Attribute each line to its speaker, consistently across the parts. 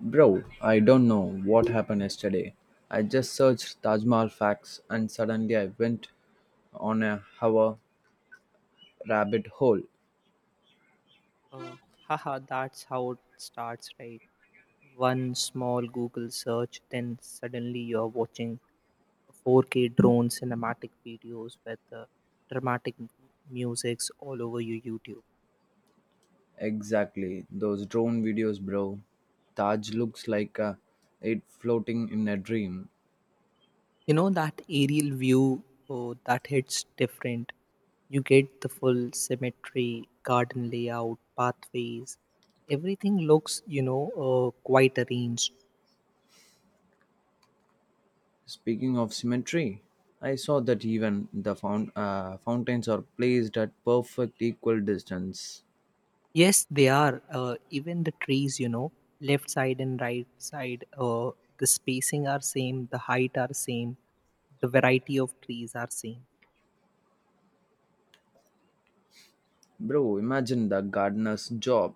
Speaker 1: Bro, I don't know what happened yesterday. I just searched Taj Mahal facts and suddenly I went on a hour rabbit hole.
Speaker 2: Uh, that's how it starts, right? One small Google search, then suddenly you're watching 4K drone cinematic videos with dramatic musics all over your YouTube.
Speaker 1: Exactly, those drone videos, bro. Taj looks like it floating in a dream.
Speaker 2: You know that aerial view, oh, that hits different. You get the full symmetry, garden layout, pathways. Everything looks, quite arranged.
Speaker 1: Speaking of symmetry, I saw that even the fountains are placed at perfect equal distance.
Speaker 2: Yes, they are. Even the trees, you know, left side and right side, the spacing are same, the height are same, the variety of trees are same.
Speaker 1: Bro, imagine the gardener's job.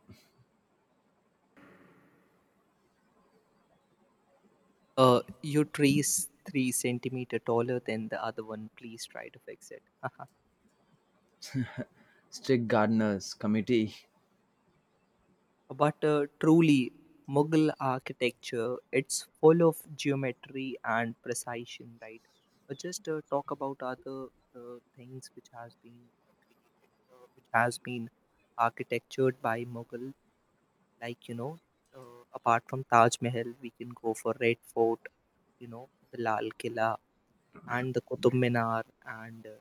Speaker 2: Your tree is three centimeter taller than the other one. Please try to fix it.
Speaker 1: Strict gardener's committee.
Speaker 2: But truly, Mughal architecture, it's full of geometry and precision, right? Just talk about other things which has been created, which has been architectured by Mughal. Like apart from Taj Mahal, we can go for Red Fort, you know, the Lal Killa, and the Qutub Minar, and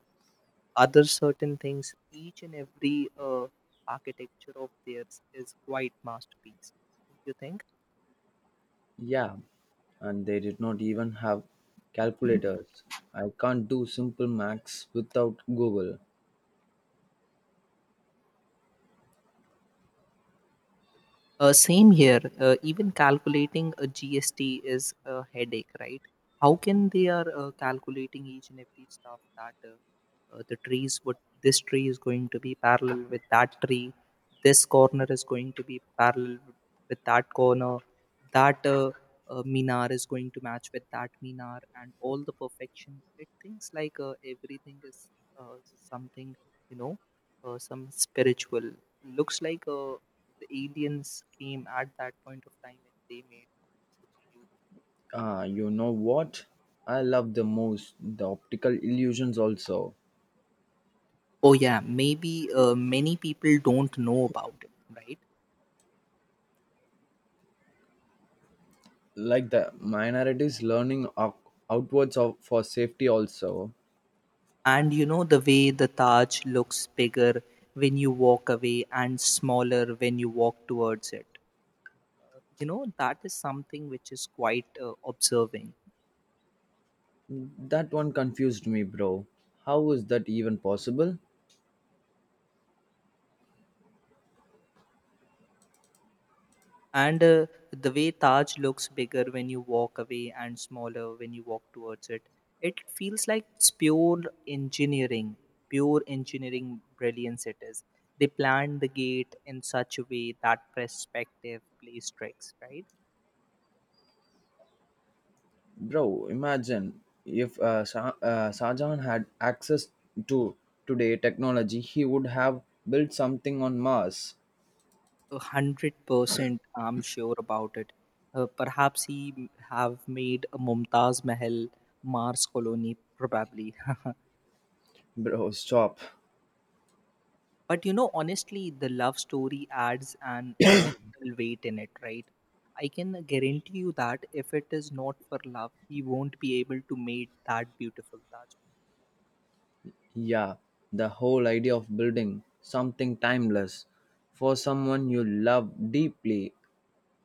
Speaker 2: other certain things. Each and every architecture of theirs is quite masterpiece. Don't you think?
Speaker 1: Yeah, and they did not even have calculators. I can't do simple maths without Google.
Speaker 2: Same here. Even calculating a GST is a headache, right? How can they are calculating each and every stuff that the trees would this tree is going to be parallel with that tree, this corner is going to be parallel with that corner, that minar is going to match with that minar, and all the perfection. It thinks like everything is something, you know, some spiritual. Looks like the aliens came at that point of time and they made such a beautiful.
Speaker 1: Ah, you know what? I love the most the optical illusions also.
Speaker 2: Oh yeah, maybe many people don't know about it, right?
Speaker 1: Like the minorities outwards of, for safety also.
Speaker 2: And you know the way the Taj looks bigger when you walk away and smaller when you walk towards it. You know that is something which is quite observing.
Speaker 1: That one confused me, bro. How is that even possible?
Speaker 2: And the way Taj looks bigger when you walk away and smaller when you walk towards it, it feels like it's engineering, pure engineering brilliance it is. They planned the gate in such a way that perspective plays tricks, right?
Speaker 1: Bro, imagine if Shahjahan had access to today technology, he would have built something on Mars.
Speaker 2: 100%, I'm sure about it. Perhaps he have made a Mumtaz Mahal Mars colony, probably.
Speaker 1: Bro, stop.
Speaker 2: But you know, honestly, the love story adds an emotional weight in it, right? I can guarantee you that if it is not for love, he won't be able to make that beautiful Taj Mahal.
Speaker 1: Yeah, the whole idea of building something timeless for someone you love deeply.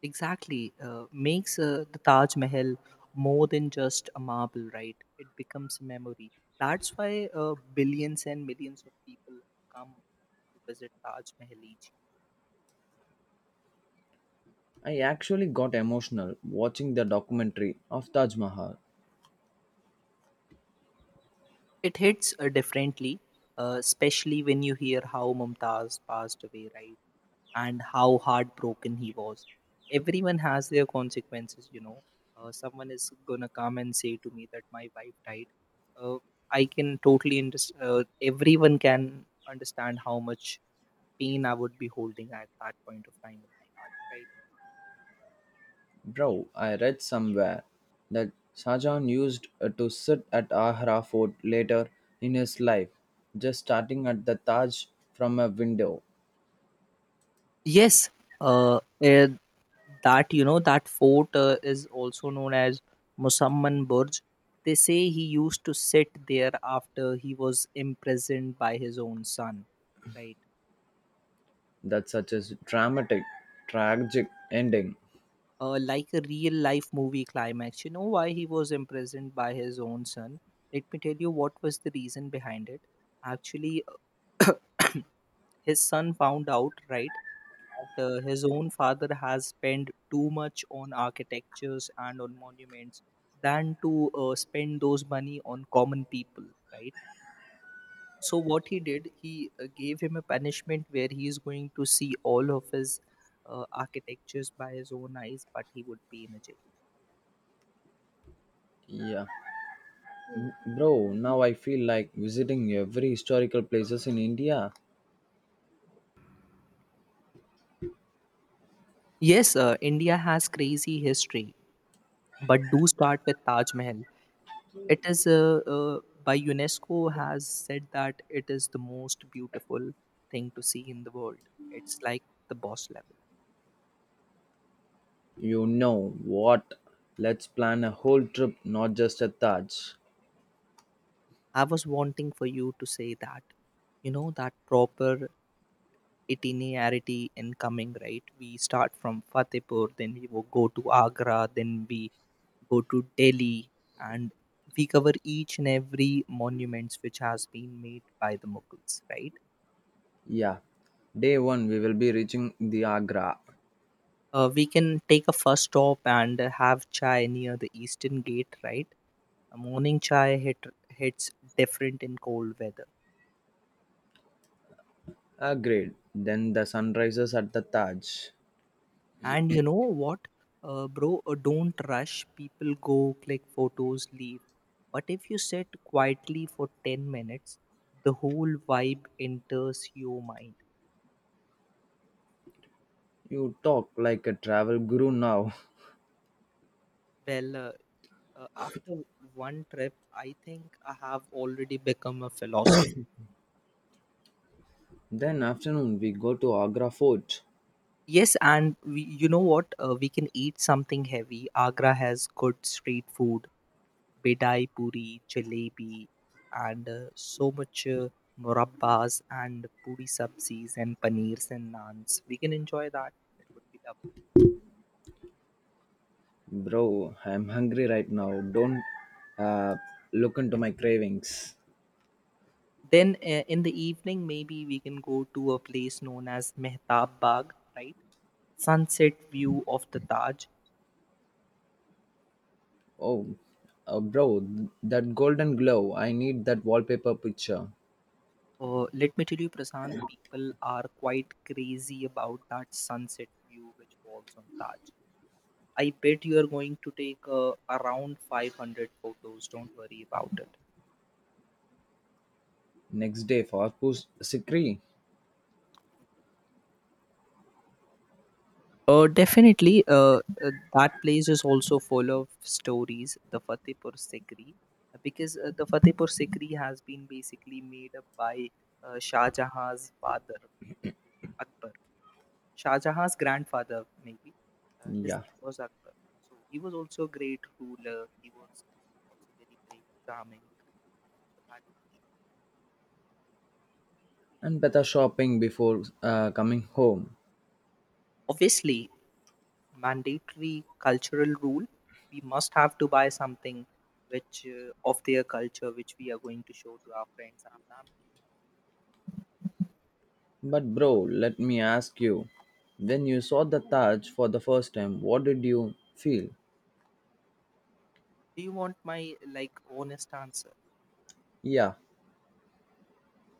Speaker 2: Exactly, makes the Taj Mahal more than just a marble, right? It becomes a memory. That's why billions and millions of people come to visit Taj Mahal each.
Speaker 1: I actually got emotional watching the documentary of Taj Mahal.
Speaker 2: It hits differently, especially when you hear how Mumtaz passed away, right? And how heartbroken he was. Everyone has their consequences, you know. Someone is gonna come and say to me that my wife died. Uh, I can totally understand. Everyone can understand how much pain I would be holding at that point of time in my heart, right?
Speaker 1: Bro, I read somewhere that Shahjahan used to sit at Agra fort later in his life, just starting at the Taj from a window.
Speaker 2: Yes, uh, eh, that you know that fort is also known as Musamman Burj. They say he used to sit there after he was imprisoned by his own son, right?
Speaker 1: That's such a dramatic, tragic ending.
Speaker 2: Like a real life movie climax. You know why he was imprisoned by his own son? Let me tell you what was the reason behind it. Actually, his son found out, right, that his own father has spent too much on architectures and on monuments than to spend those money on common people, right? So, what he did, he gave him a punishment where he is going to see all of his architectures by his own eyes, but he would be in a jail.
Speaker 1: Yeah. Bro, now I feel like visiting every historical places in India.
Speaker 2: Yes, India has crazy history, but do start with Taj Mahal. It is by UNESCO has said that it is the most beautiful thing to see in the world. It's like the boss level.
Speaker 1: You know what? Let's plan a whole trip, not just a Taj.
Speaker 2: I was wanting for you to say that, you know, that proper itinerarity in coming, right? We start from Fatehpur, then we will go to Agra, then we go to Delhi, and we cover each and every monuments which has been made by the Mughals, right?
Speaker 1: Yeah. Day one, we will be reaching the Agra.
Speaker 2: We can take a first stop and have chai near the Eastern Gate, right? A morning hits different in cold weather.
Speaker 1: Agreed. Then the sun rises at the Taj.
Speaker 2: And you know what, bro, don't rush. People go, click photos, leave. But if you sit quietly for 10 minutes, the whole vibe enters your mind.
Speaker 1: You talk like a travel guru now.
Speaker 2: Well, after one trip, I think I have already become a philosopher.
Speaker 1: Then afternoon we go to Agra Fort.
Speaker 2: Yes, and we, you know what? We can eat something heavy. Agra has good street food, bedai puri, jalebi, and so much murabbas and puri sabzis and paneers and naans. We can enjoy that. It would be lovely.
Speaker 1: Bro, I'm hungry right now. Don't uh, look into my cravings.
Speaker 2: Then in the evening, maybe we can go to a place known as Mehtab Bagh, right? Sunset view of the Taj.
Speaker 1: Oh, bro, that golden glow. I need that wallpaper picture.
Speaker 2: Let me tell you, Prasant, people are quite crazy about that sunset view which falls on Taj. I bet you are going to take around 500 photos. Don't worry about it.
Speaker 1: Next day for Arpus Sikri.
Speaker 2: Definitely, that place is also full of stories, the Fatehpur Sikri, because the Fatehpur Sikri has been basically made up by Shah Jahan's father, Akbar. Shah Jahan's grandfather, maybe. His
Speaker 1: Yeah.
Speaker 2: name was Akbar. So he was also a great ruler. He was also very brave, charming. He also had a
Speaker 1: And better shopping before coming home.
Speaker 2: obviously mandatory cultural rule we must have to buy something which of their culture which we are going to show to our friends and our family.
Speaker 1: But bro, let me ask you. When you saw the Taj for the first time, what did you feel?
Speaker 2: Do you want my like honest answer?
Speaker 1: Yeah.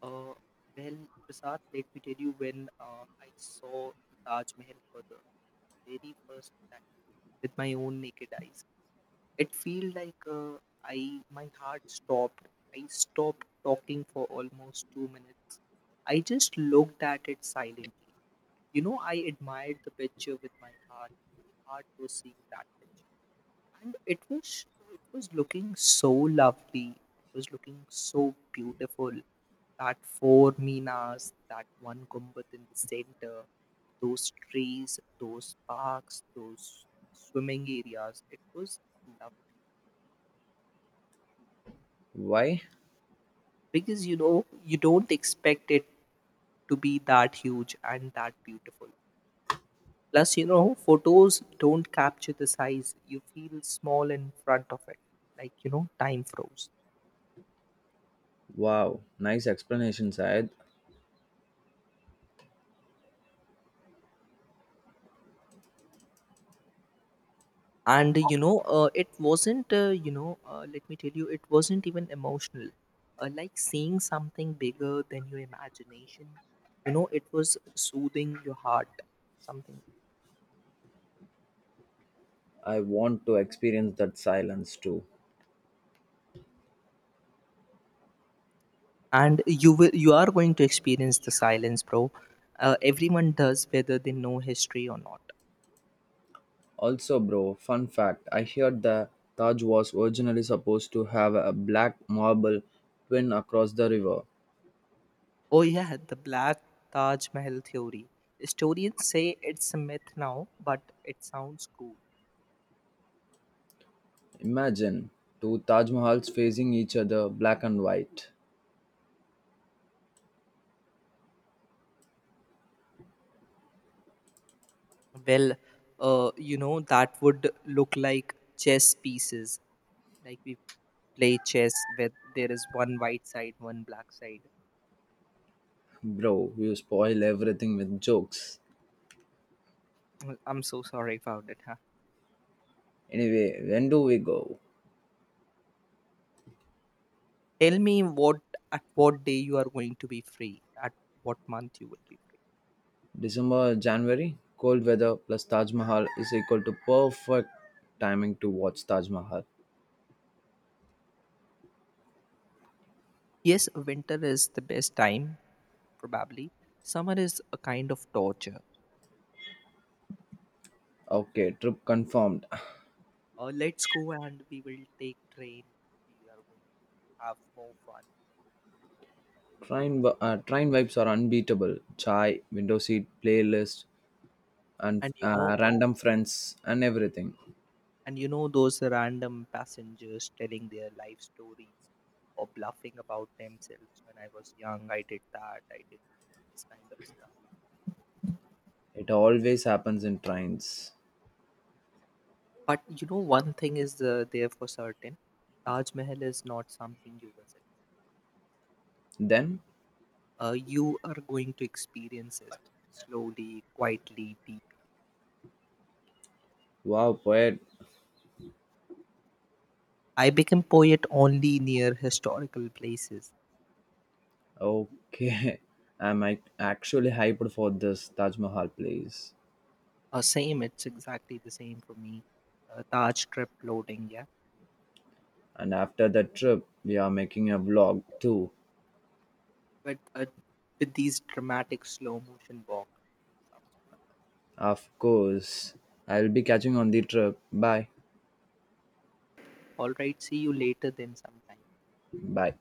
Speaker 2: Uh, well Prasad, let me tell you, when I saw the Taj Mahal for the very first time with my own naked eyes, it feel like, I my heart stopped. I stopped talking for almost 2 minutes. I just looked at it silently. You know, I admired the picture with my heart. My heart was seeing that picture. And it was looking so lovely. It was looking so beautiful. That four Minas, that one Gumbat in the center, those trees, those parks, those swimming areas. It was lovely.
Speaker 1: Why?
Speaker 2: Because you know, you don't expect it to be that huge and that beautiful. Plus, you know, photos don't capture the size. You feel small in front of it, like, you know, time froze.
Speaker 1: Wow, nice explanation, Syed.
Speaker 2: And, it wasn't, let me tell you, it wasn't even emotional. Like seeing something bigger than your imagination, you know, it was soothing your heart, something.
Speaker 1: I want to experience that silence too.
Speaker 2: And you will, you are going to experience the silence, bro. Everyone does, whether they know history or not.
Speaker 1: Also, bro, fun fact I heard the Taj was originally supposed to have a black marble twin across the river.
Speaker 2: Oh, yeah, the Black Taj Mahal theory. Historians say it's a myth now, but it sounds cool.
Speaker 1: Imagine two Taj Mahals facing each other, black and white.
Speaker 2: Well, you know, that would look like chess pieces. Like we play chess where there is one white side, one black side.
Speaker 1: Bro, you spoil everything with jokes.
Speaker 2: Mm, I'm so sorry about it. Huh?
Speaker 1: Anyway, when do we go?
Speaker 2: Tell me what at what day you are going to be free, at what month you would be free.
Speaker 1: December, January, cold weather plus Taj Mahal is equal to perfect timing to watch Taj Mahal.
Speaker 2: Yes, winter is the best time, probably. Summer is a kind of torture.
Speaker 1: Okay, trip confirmed.
Speaker 2: Let's go and we will take train. We are going to have more fun.
Speaker 1: Train vibes are unbeatable. Chai, window seat, playlist, and
Speaker 2: And you know
Speaker 1: random friends and everything.
Speaker 2: and you know those random passengers telling their life stories or bluffing about themselves, when I was young I did that I did this kind of stuff.
Speaker 1: It always happens in trains.
Speaker 2: But you know one thing is there for certain, Taj Mahal is not something you visit.
Speaker 1: Then,
Speaker 2: You are going to experience it slowly, quietly, deeply.
Speaker 1: wow, poet.
Speaker 2: I became poet only near historical places.
Speaker 1: Okay, actually hyped for this Taj Mahal place.
Speaker 2: Same, it's exactly the same for me. Taj trip loading, yeah,
Speaker 1: And after that trip, we are making a vlog too.
Speaker 2: but with these dramatic slow motion walk.
Speaker 1: Of course, I'll be catching on the trip. Bye.
Speaker 2: All right, see you later then sometime.
Speaker 1: Bye.